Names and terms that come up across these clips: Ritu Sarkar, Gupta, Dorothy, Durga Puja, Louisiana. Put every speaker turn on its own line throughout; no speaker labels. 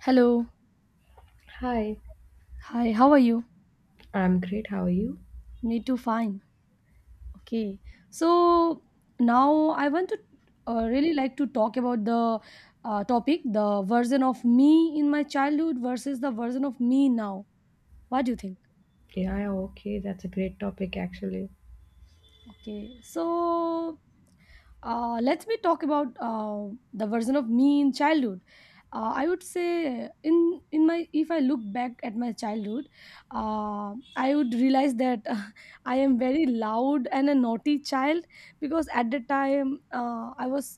Hello.
Hi,
Hi, how are you?
I'm great. How are you?
Me too, fine. Okay. So now I want to really like to talk about the topic, the version of me in my childhood versus the version of me now. What do you think?
Yeah, yeah, okay. That's a great topic, actually.
Okay. So let me talk about the version of me in childhood. I would say in my if I look back at my childhood, I would realize that I am very loud and a naughty child, because at the time I was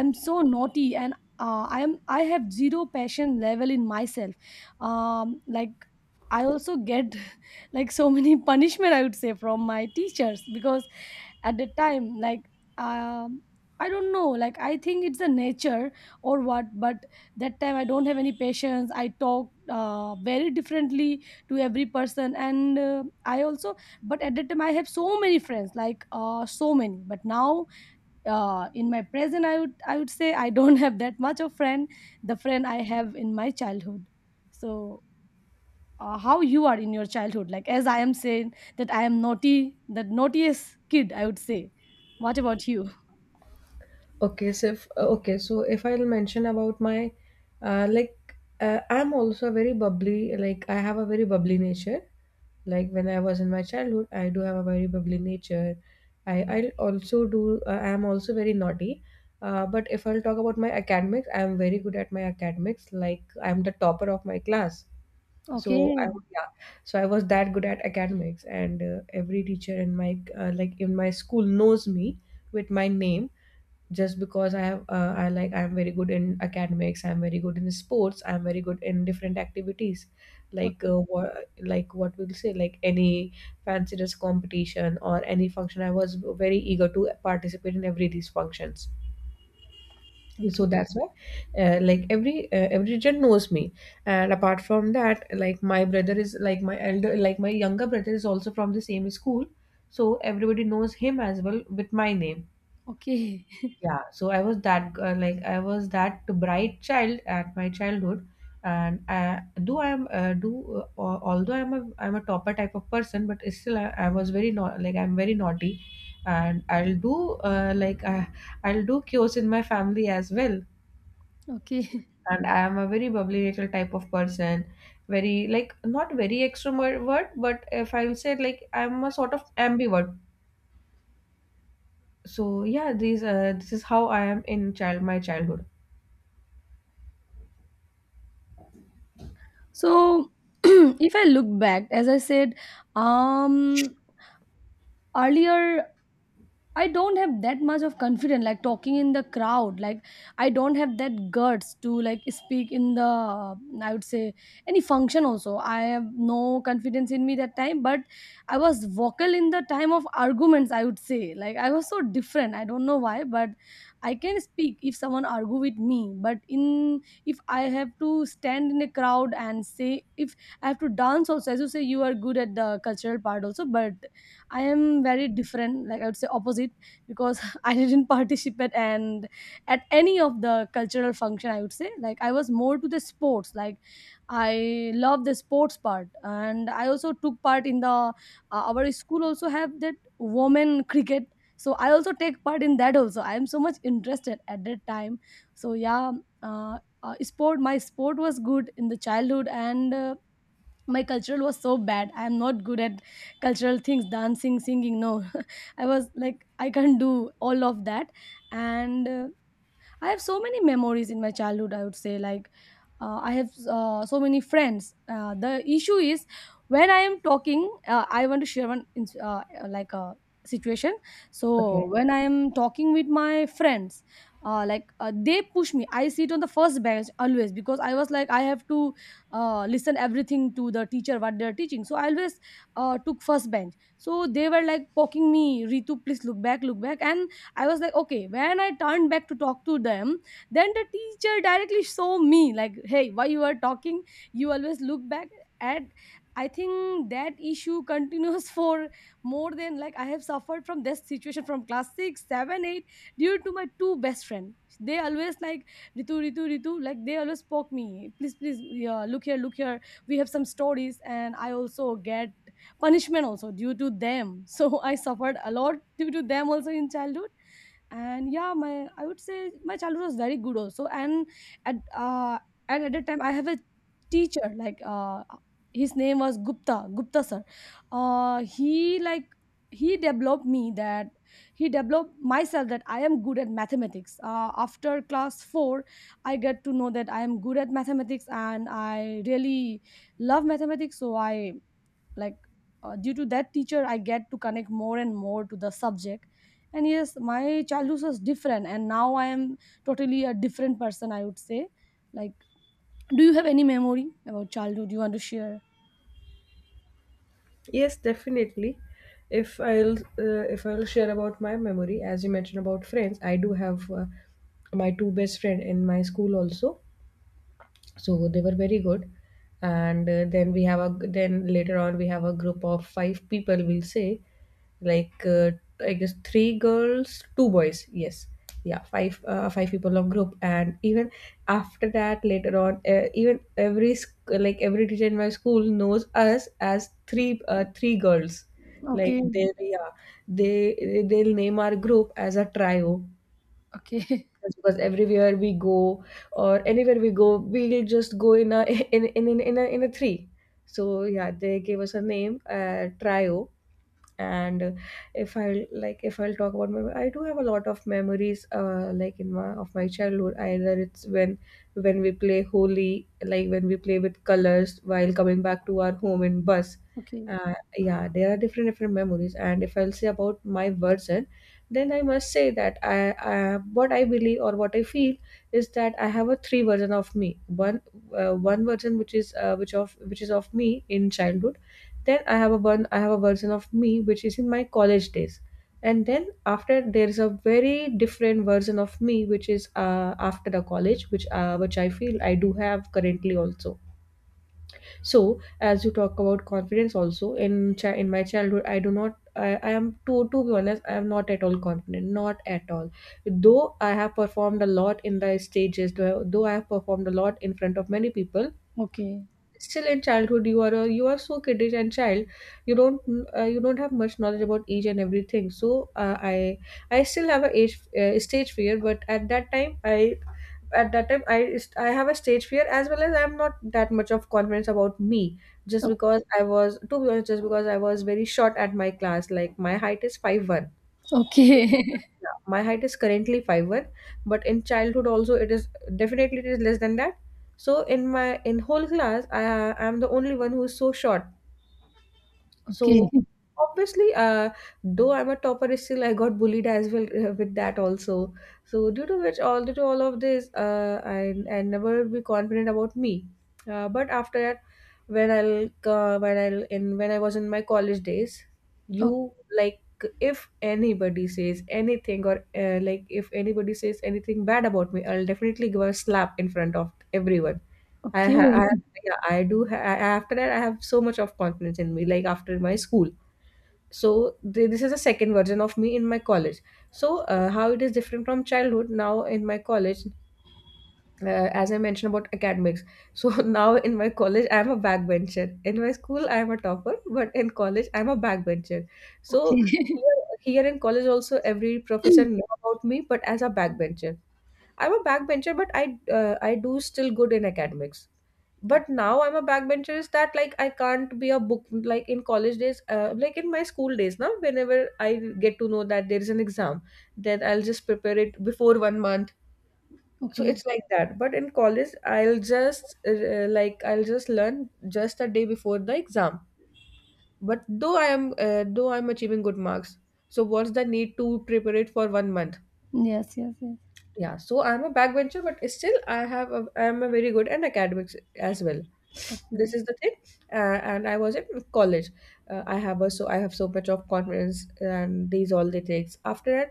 I'm so naughty, and I have zero passion level in myself. Like I also get like so many punishment, I would say, from my teachers, because at the time, like, um I don't know, like, I think it's the nature or what, but that time I don't have any patience. I talk very differently to every person, and I also but at that time I have so many friends, like, so many, but now in my present I would say I don't have that much of friend, the friend I have in my childhood. So how you are in your childhood? Like, as I am saying that I am naughty, the naughtiest kid, I would say. What about you?
Okay, so if I'll mention about my, uh, like, I'm also very bubbly. Like, I have a very bubbly nature. Like when I was in my childhood, I do have a very bubbly nature. I also do. I am also very naughty. But if I'll talk about my academics, I am very good at my academics. Like I'm the topper of my class, so
Okay,
yeah, so I was that good at academics, and every teacher in my like in my school knows me with my name, just because I'm very good in academics, I'm very good in sports, I'm very good in different activities, like uh,
okay,
wha- like what we'll say, like any fancy dress competition or any function. I was very eager to participate in every these functions, so
okay,
that's why every region knows me. And apart from that, like my brother is like my elder, like my younger brother is also from the same school, so everybody knows him as well with my name.
okay.
Yeah, so I was that bright child at my childhood. And do I am do uh, al- although I'm a topper type of person, but I was very not like I'm very naughty, and uh, like uh, I'll do chaos in my family as well.
Okay.
And I am a very bubbly little type of person. Very like not very extrovert, but if I will say, like I'm a sort of ambivert. So yeah, these this is how I am in child my childhood.
So if I look back, as I said, um earlier, I don't have that much of confidence, like talking in the crowd. Like I don't have that guts to like speak in the I would say any function. Also, I have no confidence in me that time. But I was vocal in the time of arguments. I would say like I was so different. I don't know why, but I can speak if someone argue with me. But in if I have to stand in a crowd and say if I have to dance also, as you say, you are good at the cultural part also, but I am very different, like I would say opposite, because I didn't participate and at any of the cultural function. I would say like I was more to the sports. Like I love the sports part, and I also took part in the our school also have that women cricket. So I also take part in that also. I am so much interested at that time. So yeah, uh, sport. My sport was good in the childhood and. My cultural was so bad. I am not good at cultural things, dancing, singing, no. I was like I can't do all of that. And I have so many memories in my childhood, I would say. Like I have so many friends. The issue is when I am talking, I want to share like a situation. So
Okay.
when I am talking with my friends, they push me. I sit on the first bench always, because I was like I have to listen everything to the teacher what they're teaching. So I always took first bench. So they were like poking me, Ritu, please, look back, look back. And I was like, okay. When I turned back to talk to them, then the teacher directly saw me like, hey, why you are talking? You always look back at. I think that issue continues for more than like I have suffered from this situation from class six, seven, eight, due to my two best friend. They always like Ritu, Ritu, Ritu. Like they always poke me. Please, please, yeah, look here, look here. We have some stories, and I also get punishment also due to them. So I suffered a lot due to them also in childhood. And yeah, my I would say my childhood was very good also. And at and at that time I have a teacher like his name was Gupta, Gupta Sir. He like he developed me that he developed myself that I am good at mathematics. After class 4 I get to know that I am good at mathematics, and I really love mathematics. So I like due to that teacher I get to connect more and more to the subject. And yes, my childhood was different, and now I am totally a different person, I would say. Like, do you have any memory about childhood you want to share?
Yes, definitely. If I'll share about my memory, as you mentioned about friends, I do have my two best friend in my school also. So they were very good, and then we have a then later on we have a group of five people, we'll say, like uh, I guess three girls, two boys. Yes, yeah, five people of group. And even after that, later on, even every teacher in my school knows us as three girls,
Okay,
like they, yeah, they they'll name our group as a Trio,
okay,
just because everywhere we go or anywhere we go, we'll just go in a in a three. So yeah, they gave us a name, Trio. And if I'll talk about my, I do have a lot of memories, in my, of my childhood, either it's when we play holy, like when we play with colors while coming back to our home in bus.
okay,
Yeah, there are different different memories. And if I'll say about my version, then I must say that I, what I believe or what I feel, is that I have a three version of me. One, one version which is which is of me in childhood. Then I have a version of me which is in my college days. And then after, there is a very different version of me which is after the college, which I feel I do have currently also. So as you talk about confidence, also in in my childhood, I do not. I am, to be honest, I am not at all confident, not at all. Though I have performed a lot in the stages, though I have performed a lot in front of many people,
okay,
still in childhood you are you are so kiddish and child, you don't you don't have much knowledge about age and everything. So I still have a age stage fear. But at that time I at that time I have a stage fear, as well as I'm not that much of confidence about me, just
O-
because I was, to be honest, just because I was very short at my class. Like my height is 5'1".
okay,
So yeah, my height is currently 5'1", but in childhood also it is definitely, it is less than that. So in my, in whole class, I am the only one who is so short.
okay,
So obviously, though I'm a topper, still I got bullied as well, with that also. So due to which, all due to all of this, I never be confident about me. But after that, when I was in my college days,
O-
you like, if anybody says anything, or if anybody says anything bad about me, I'll definitely give a slap in front of everyone. I,
okay,
ha- I Yeah, I do. Ha- I- after that, I have so much of confidence in me. Like after my school, so this is a second version of me in my college. So how it is different from childhood, now in my college, as I mentioned about academics. So now in my college, I am a backbencher. In my school, I am a topper, but in college, I am a backbencher. So
okay,
here, here in college also, every professor know about me, but as a backbencher. I'm a backbencher, but I do still good in academics. But now I'm a backbencher is that, like I can't be a book, like in college days, in my school days, now whenever I get to know that there is an exam, then I'll just prepare it before one month. So
okay,
it's like that, but in college I'll just like I'll just learn just a day before the exam. But though I'm achieving good marks, so what's the need to prepare it for one month?
yes, yes, yes,
Yeah, so I'm a backbencher, but still I have a, I'm a very good and academics as well. This
okay,
is the thing. And I was in college, I have so much of confidence, and these all the takes after.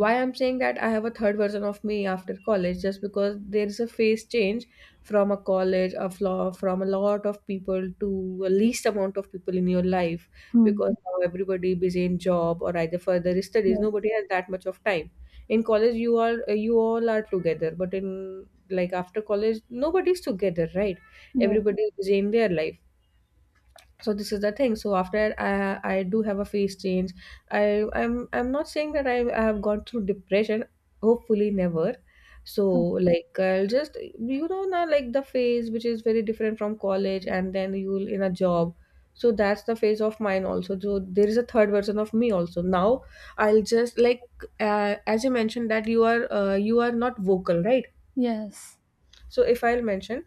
Why I'm saying that I have a third version of me after college, just because there is a phase change from a college, a flaw, from a lot of people to a least amount of people in your life.
hmm.
Because now everybody busy in job or either further studies,
Yes,
nobody has that much of time. In college you are, you all are together, but in, like after college, nobody's together, right?
yes,
Everybody is busy in their life. So this is the thing. So after I do have a phase change. i I'm not saying that I have gone through depression, hopefully never. So
okay.
like I'll just, you know, now like the phase which is very different from college, and then you'll in a job. So that's the phase of mine also. So there is a third version of me also. Now I'll just, like, as you mentioned that you are not vocal, right?
Yes,
So if I'll mention,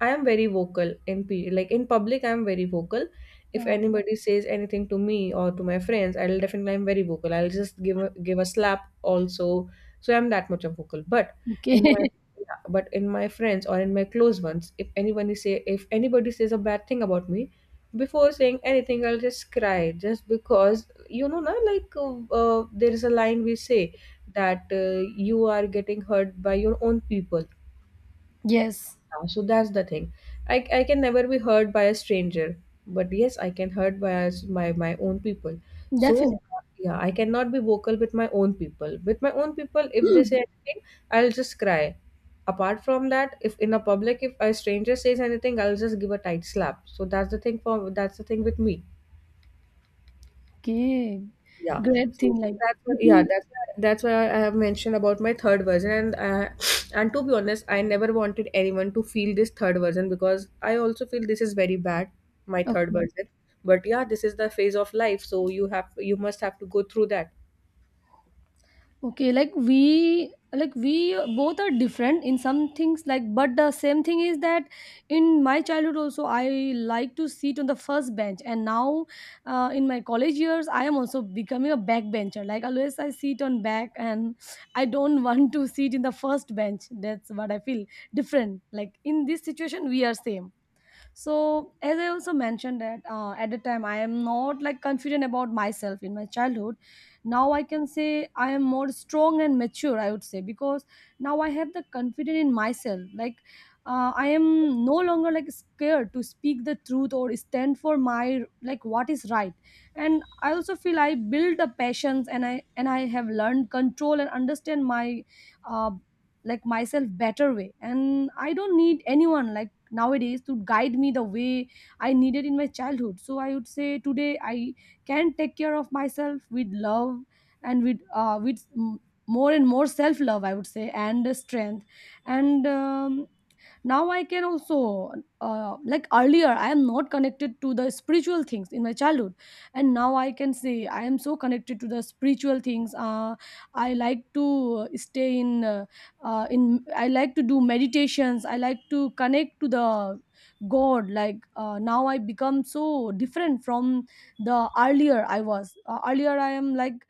I am very vocal in p like in public. I am very vocal. If
um,
anybody says anything to me or to my friends, I'll definitely, I'm very vocal, I'll just give a slap also. So I'm that much of vocal. But
okay,
in my, yeah, but in my friends or in my close ones, if anybody say if anybody says a bad thing about me, before saying anything, I'll just cry. Just because, you know na, there is a line we say that you are getting hurt by your own people.
yes,
Yeah, so that's the thing. I can never be hurt by a stranger, but yes, I can hurt by my my own people. So
definitely.
yeah, I cannot be vocal with my own people. With my own people, if they say anything, I'll just cry. Apart from that, if in a public, if a stranger says anything, I'll just give a tight slap. So that's the thing with me.
Okay,
Yeah.
great thing.
So
Like,
that's why,
I
yeah,
think,
that's why I have mentioned about my third version. And and to be honest, I never wanted anyone to feel this third version, because I also feel this is very bad, my third
okay,
version. But yeah, this is the phase of life, so you must have to go through that.
okay. Like we both are different in some things. Like, but the same thing is that in my childhood also, I like to sit on the first bench, and now, in my college years, I am also becoming a backbencher. Like always, I sit on back, and I don't want to sit in the first bench. That's what I feel different. Like in this situation, we are same. So as I also mentioned that at the time I am not like confident about myself in my childhood, now I can say I am more strong and mature, I would say, because now I have the confidence in myself. Like I am no longer like scared to speak the truth or stand for my like what is right. And I also feel I build the passions, and I have learned control and understand my uh, like myself better way, and I don't need anyone like nowadays to guide me the way I needed in my childhood. So I would say today I can take care of myself with love, and with more and more self love, I would say, and strength. And now I can also like earlier I am not connected to the spiritual things in my childhood, and now I can say I am so connected to the spiritual things. I like to stay in I like to do meditations. I like to connect to the god. Like now I become so different from the earlier I was. Earlier I am like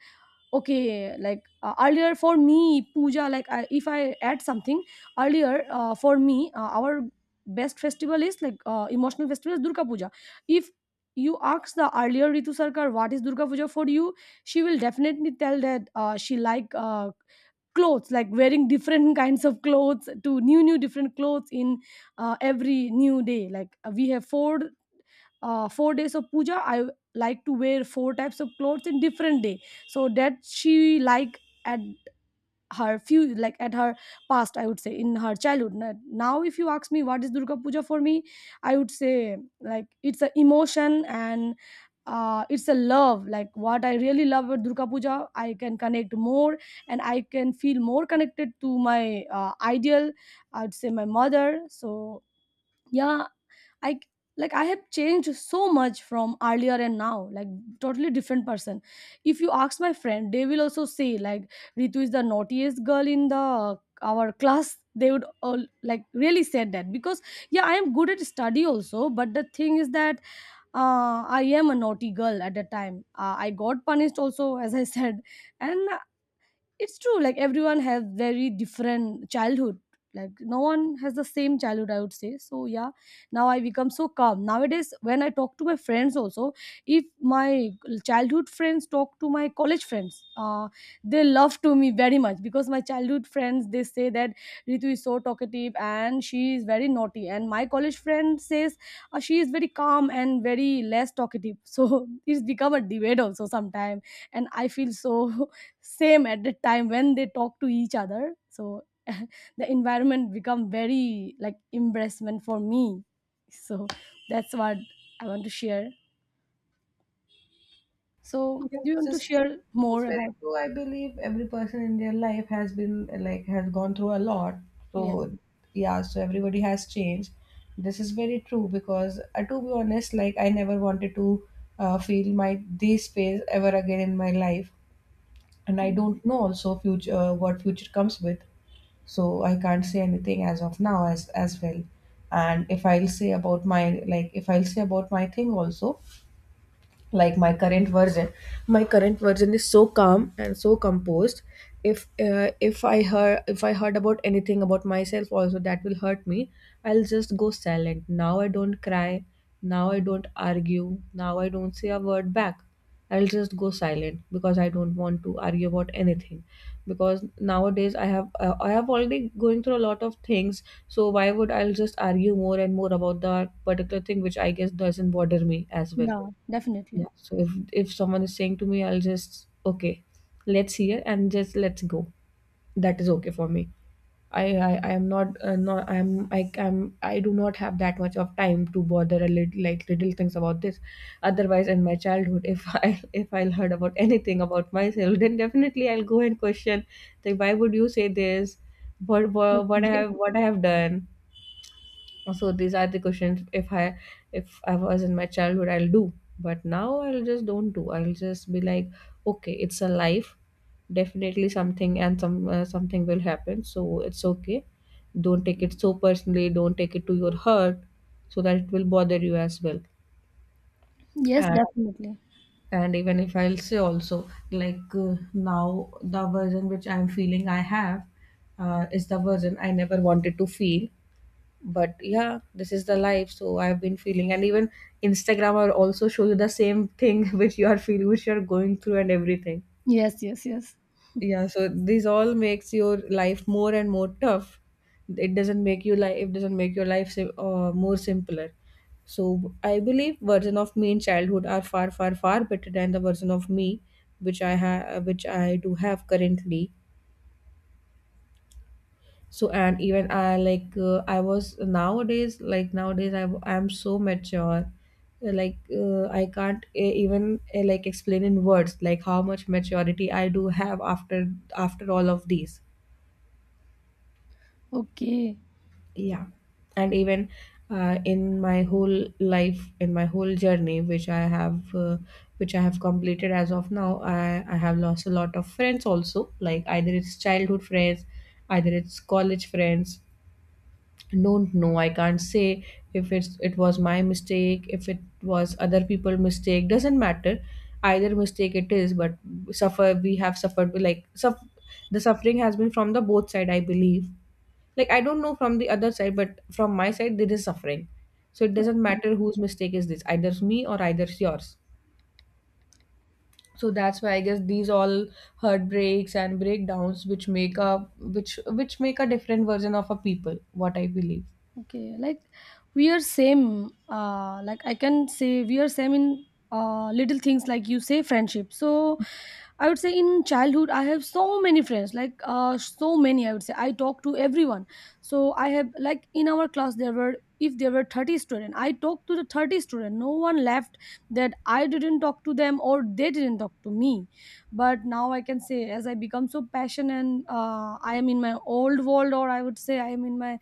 okay, like, earlier for me, puja, like, I if I add something, earlier, for me, our best festival is, like, emotional festival is Durga Puja. If you ask the earlier Ritu Sarkar what is Durga Puja for you, she will definitely tell that, she like, clothes, like wearing different kinds of clothes, to new, new different clothes in, every new day. Like, we have four days of puja. I like to wear four types of clothes in different day. So that she like at her few like at her past, I would say in her childhood. N- now if you ask me what is Durga Puja for me, I would say like it's a emotion, and it's a love. Like what I really love with Durga Puja, I can connect more, and I can feel more connected to my ideal, I would say, my mother. So yeah, I like I have changed so much from earlier, and now like totally different person. If you ask my friend, they will also say like Ritu is the naughtiest girl in the our class. They would all like really said that, because yeah, I am good at study also, but the thing is that I am a naughty girl at the time. I got punished also, as I said. And it's true, like everyone has very different childhood. Like no one has the same childhood, I would say. So yeah, now I become so calm nowadays. When I talk to my friends also, if my childhood friends talk to my college friends, they love to me very much, because my childhood friends, they say that Ritu is so talkative and she is very naughty, and my college friend says she is very calm and very less talkative. So it's become a debate also sometime, and I feel so same at the time when they talk to each other. So the environment become very like embarrassment for me. So that's what I want to share. So
Yeah,
you
this
want to
is,
share more
that's very
about?
true. I believe every person in their life has been has gone through a lot. So
Yeah,
yeah, so everybody has changed. This is very true because to be honest, like I never wanted to feel my this phase ever again in my life, and I don't know also future, what future comes with. So I can't say anything as of now, as well. And if I'll say about my like if I'll say about my thing also, like my current version is so calm and so composed. If I heard about anything about myself also, that will hurt me. I'll just go silent. Now I don't cry, now I don't argue, now I don't say a word back. I'll just go silent because I don't want to argue about anything. Because nowadays I have already going through a lot of things, so why would I'll just argue more and more about that particular thing which I guess doesn't bother me as well.
yeah, definitely,
Yeah. So if someone is saying to me, I'll just, okay, let's hear and just let's go. That is okay for me. I am not not I am I am I do not have that much of time to bother a little like little things about this. Otherwise, in my childhood, if I if I'll heard about anything about myself, then definitely I'll go and question, like, why would you say this? What what, what I have
okay,
what I have done? So these are the questions if I was in my childhood, I'll do. But now I'll just don't do, I'll just be like, okay, it's a life. Definitely something and some something will happen, so it's okay. Don't take it so personally, don't take it to your heart so that it will bother you as well.
yes,
and
definitely,
and even if I'll say also, like now the version which I'm feeling I have is the version I never wanted to feel. But yeah, this is the life, so I've been feeling. And even Instagram will also show you the same thing which you are feeling, which you are going through, and everything.
yes, yes, yes,
Yeah, so this all makes your life more and more tough. It doesn't make your life more simpler. So I believe version of me in childhood are far, far, far better than the version of me which I do have currently. So and even I like I was nowadays like nowadays I am so mature. Like, I can't even like explain in words like how much maturity I do have after all of these.
okay.
Yeah. And even in my whole journey which I have completed as of now, I have lost a lot of friends also, like either it's childhood friends, either it's college friends. Don't know, I can't say if it was my mistake, if it was other people mistake, doesn't matter, either mistake it is, but suffer we have suffered, the suffering has been from the both side, I believe. Like, I don't know from the other side, but from my side there is suffering. So it doesn't matter whose mistake is this, either me or either yours. So that's why I guess these all heartbreaks and breakdowns which make a different version of a people, what I believe.
Okay, like we are same. Like I can say we are same in little things like you say friendship. So I would say in childhood I have so many friends, like so many. I would say I talk to everyone. So I have like in our class there were if there were 30 students, I talked to the 30 student. No one left that I didn't talk to them or they didn't talk to me. But now I can say, as I become so passionate and I am in my old world, or I would say I am in my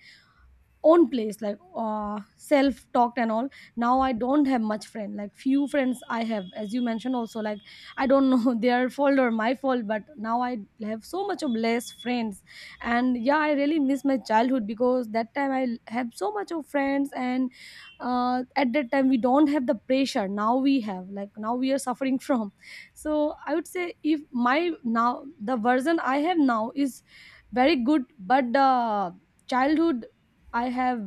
own place, like self talk and all. Now I don't have much friend, like few friends I have, as you mentioned also. Like, I don't know their fault or my fault, but now I have so much of less friends. And yeah, I really miss my childhood, because that time I have so much of friends. And at that time we don't have the pressure, now we have, like now we are suffering from. So I would say, if my now, the version I have now is very good, but the childhood I have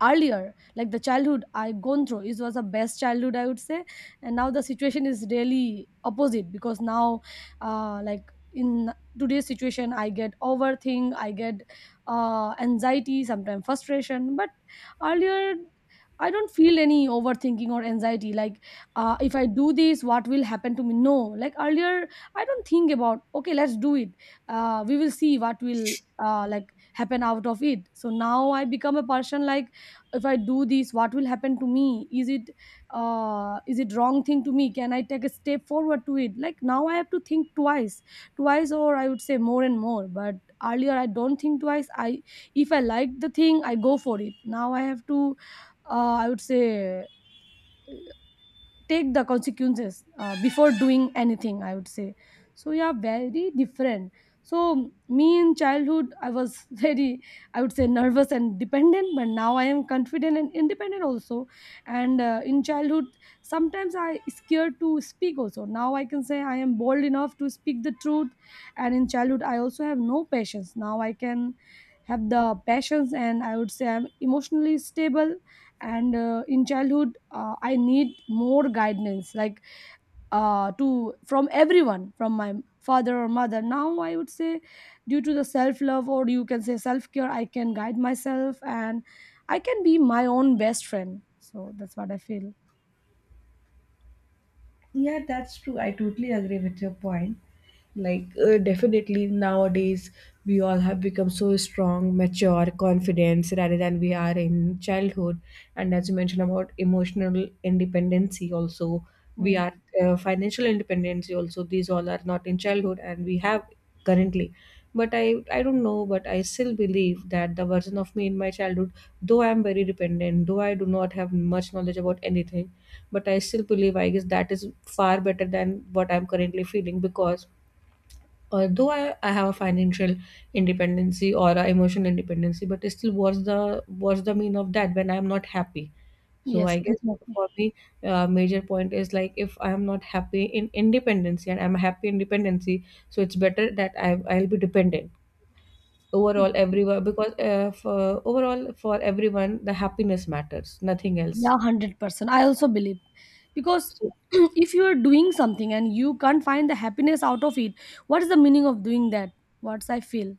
earlier, like the childhood I gone through, it was the best childhood I would say. And now the situation is really opposite, because now, like in today's situation, I get overthink, I get anxiety, sometimes frustration. But earlier, I don't feel any overthinking or anxiety. Like, if I do this, what will happen to me? No, like earlier, I don't think about. Okay, let's do it. We will see what will happen out of it. So now I become a person like, if I do this, what will happen to me, is it wrong thing to me, can I take a step forward to it? Like now I have to think twice or I would say more and more. But earlier I don't think twice. I, if I like the thing I go for it. Now I have to I would say take the consequences before doing anything, I would say. So yeah, very different. So me in childhood, I was very, I would say, nervous and dependent, but now I am confident and independent also. And in childhood sometimes I scared to speak also. Now I can say I am bold enough to speak the truth. And in childhood I also have no patience. Now I can have the passions, and I would say I'm emotionally stable. And in childhood I need more guidance, like to from everyone, from my father or mother. Now I would say, due to the self love, or you can say self care, I can guide myself, and I can be my own best friend. So that's what I feel.
Yeah, that's true. I totally agree with your point. Like, definitely nowadays, we all have become so strong, mature, confident rather than we are in childhood. And as you mentioned about emotional independency, also, we
Yeah.
are, financial independency, also, these all are not in childhood and we have currently. But I don't know, but I still believe that the version of me in my childhood, though I am very dependent, though I do not have much knowledge about anything, but I still believe I guess that is far better than what I'm currently feeling. Because although I have a financial independency or a emotional independency, but still, what's the mean of that when I'm not happy? So
Yes,
I guess
definitely.
for me, major point is like if I'm not happy in independency and I'm happy in dependency, so it's better that I'll be dependent overall everyone, because overall for everyone the happiness matters, nothing else.
Yeah, 100% I also believe, because
So.
if you are doing something and you can't find the happiness out of it, what is the meaning of doing that? What's I feel.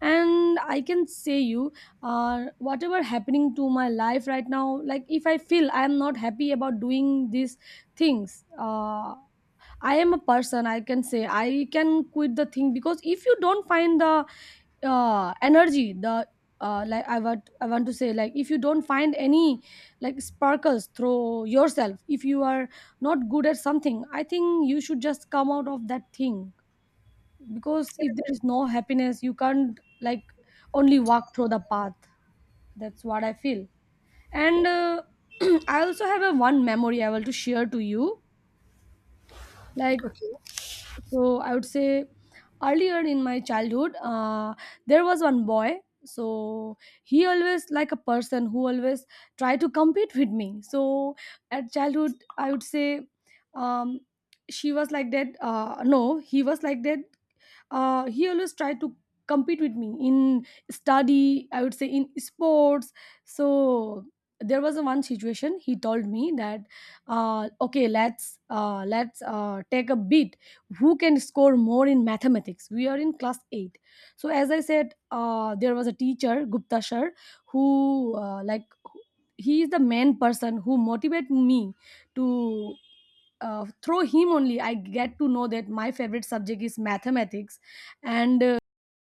And I can say you, whatever happening to my life right now, like if I feel I am not happy about doing these things, I am a person, I can say I can quit the thing. Because if you don't find the energy, the like, I want to say, like if you don't find any like sparkles through yourself, if you are not good at something, I think you should just come out of that thing. Because if there is no happiness, you can't like only walk through the path. That's what I feel. And I also have a one memory I want to share to you. Like, so I would say earlier in my childhood there was one boy. So he always, like a person who always try to compete with me. So at childhood, I would say um, she was like that, no, he was like that. He always tried to compete with me in study, I would say in sports. So there was a one situation, he told me that, okay, let's take a bid, who can score more in mathematics. We are in class 8. So as I said, there was a teacher, Gupta Sir, who he is the main person who motivate me to, through him only I get to know that my favorite subject is mathematics. And uh,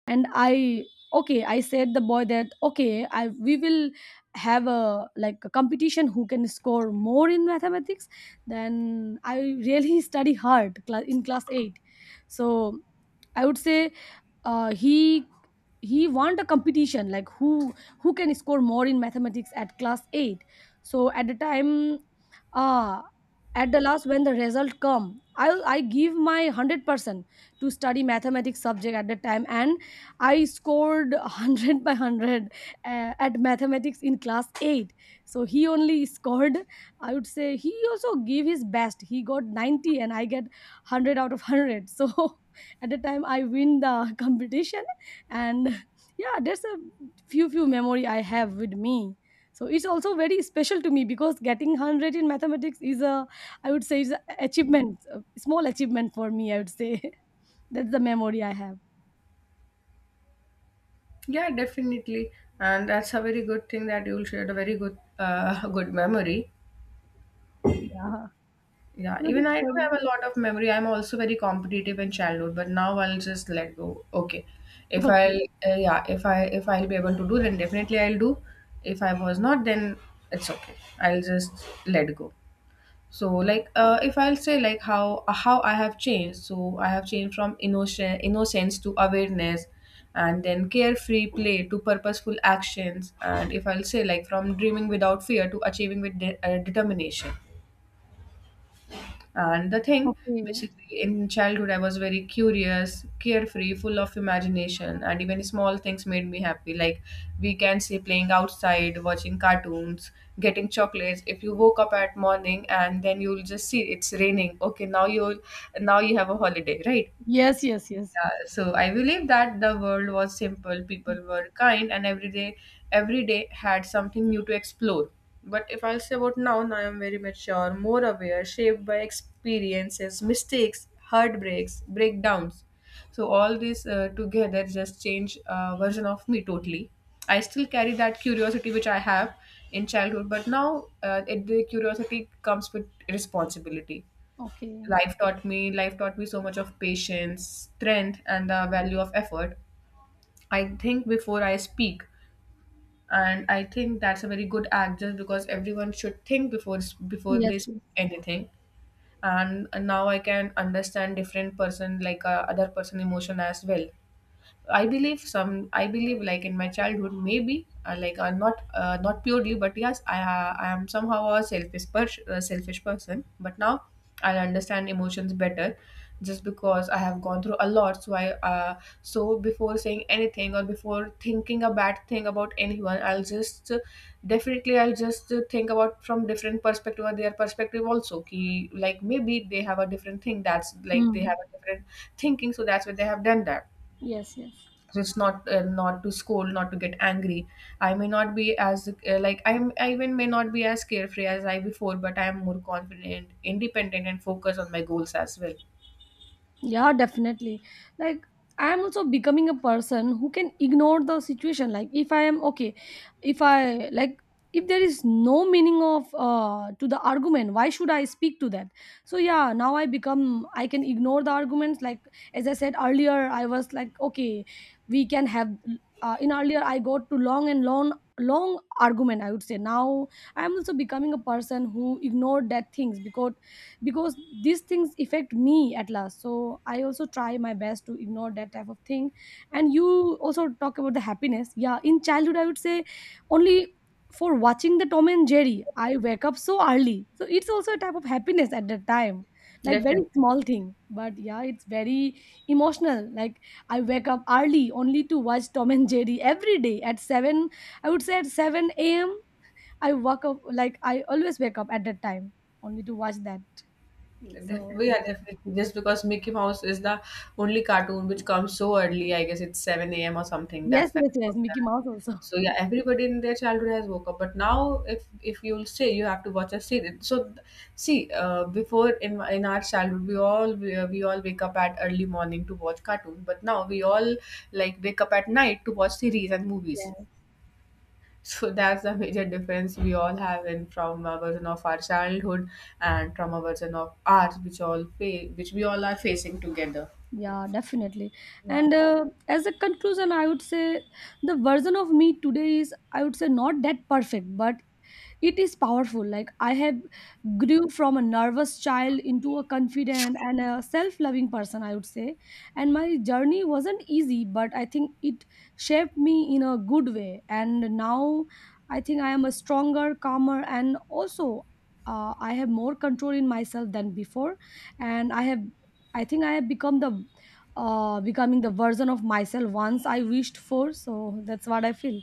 and I Okay, I said the boy that, okay, I we will have a like a competition, who can score more in mathematics. Then I really study hard, in class 8. So I would say, uh, he he want a competition, like who can score more in mathematics at class 8. So at the time, ah at the last when the result come, I give my 100% to study mathematics subject at the time. And I scored 100 by 100, at mathematics in class 8. So he only scored, I would say, he also gave his best, he got 90, and I get 100 out of 100. So at the time I win the competition. And yeah, there's a few memory I have with me. So it's also very special to me, because getting 100 in mathematics is a, I would say, is a achievement, a small achievement for me. I would say, that's the memory I have.
Yeah, definitely. And that's a very good thing that you'll share a very good, good memory.
Yeah.
Yeah,
You're the
even I do
sure.
have a lot of memory. I'm also very competitive in childhood, but now I'll just let go. Okay, if
Okay.
I'll yeah, if I'll be able to do, then definitely I'll do. If I was not, then it's okay. I'll just let go. So, like, if I'll say like how I have changed. So I have changed from innocent innocence to awareness, and then carefree play to purposeful actions. And if I'll say like from dreaming without fear to achieving with determination and the thing.
Okay.
Basically, in childhood, I was very curious, carefree, full of imagination, and even small things made me happy. Like, we can say playing outside, watching cartoons, getting chocolates. If you woke up at morning and then you'll just see it's raining. Okay, now you have a holiday, right?
Yes. Yes. Yes.
Yeah, so I believe that the world was simple, people were kind, and every day, had something new to explore. But if I'll say about now, now I'm very mature, more aware, shaped by experiences, mistakes, heartbreaks, breakdowns. So all this together just change version of me totally. I still carry that curiosity which I have in childhood, but now, the curiosity comes with responsibility.
Okay.
Life taught me so much of patience, strength, and the value of effort. I think before I speak, and I think that's a very good act just because everyone should think before
Yes.
they
Yes.
speak anything. And now I can understand different person, like other person emotion as well. I believe some. I believe like in my childhood, maybe like not not purely, but yes, I am somehow a selfish selfish person. But now I understand emotions better, just because I have gone through a lot. So before saying anything or before thinking a bad thing about anyone, I'll just, definitely I'll just think about from different perspective or their perspective also. Ki, like maybe they have a different thing. That's like they
Hmm.
have a different thinking, so that's why they have done that,
Yes. Yes.
just not to scold, not to get angry. I may not be as like I'm I even may not be as carefree as I before, but I am more confident, independent and focused on my goals as well.
Yeah, definitely. Like, I am also becoming a person who can ignore the situation. Like if I am okay, if I like, if there is no meaning of to the argument, why should I speak to that? So yeah, now I become, I can ignore the arguments. Like, as I said earlier, I was like okay, we can have. In earlier, I got to long and long argument, I would say. Now I am also becoming a person who ignored that things, because these things affect me at last. So I also try my best to ignore that type of thing. And you also talk about the happiness. Yeah, in childhood I would say, only for watching the Tom and Jerry I wake up so early, so it's also a type of happiness at that time, like very
Definitely.
small thing. But yeah, it's very emotional, like I wake up early only to watch Tom and Jerry every day at 7. I would say at 7 a.m. I wake up, like I always wake up at that time only to watch that. So
Yeah, definitely. Just because Mickey Mouse is the only cartoon which comes so early, I guess it's 7 a.m. or something.
yes,
That's that.
yes, yes, Mickey Mouse also.
So yeah, everybody in their childhood has woke up, but now if you'll say you have to watch a series. So see, before in our childhood, we all wake up at early morning to watch cartoon, but now we all like wake up at night to watch series and movies.
Yes,
So that's the major difference we all have in from a version of our childhood and from a version of ours, which we all are facing together.
yeah, definitely. And as a conclusion, I would say, the version of me today is, I would say, not that perfect, but it is powerful. Like I have grew from a nervous child into a confident and a self-loving person, I would say. And my journey wasn't easy, but I think it shaped me in a good way. And now I think I am a stronger, calmer, and also I have more control in myself than before. And I have, I think I have become the, becoming the version of myself once I wished for. So that's what I feel.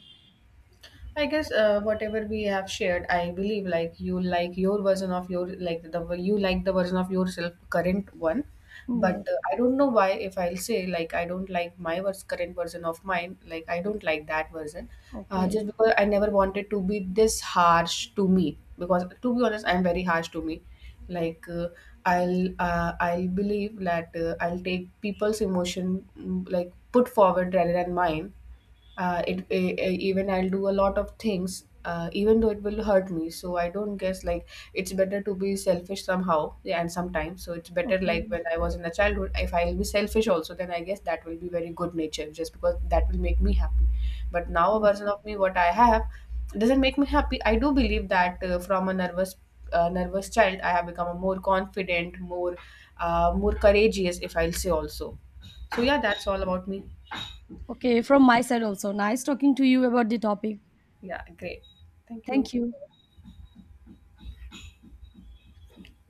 I guess whatever we have shared, I believe like you like your version of your like the you like the version of yourself current one,
Yes.
but I don't know why if I'll say like I don't like my current version of mine, like I don't like that version.
Okay.
Just because I never wanted to be this harsh to me, because to be honest I'm very harsh to me. Like, I'll believe that, I'll take people's emotion, like put forward rather than mine. Even I'll do a lot of things, even though it will hurt me. So I don't guess, like it's better to be selfish somehow, yeah, and sometimes. So it's better,
Okay.
like when I was in a childhood, if I'll be selfish also, then I guess that will be very good nature just because that will make me happy. But now a version of me, what I have, doesn't make me happy. I do believe that, from a nervous child, I have become a more confident, more courageous, if I'll say also. So yeah, that's all about me.
Okay, from my side also. Nice talking to you about the topic.
Yeah, great. Thank
Thank
you.
you.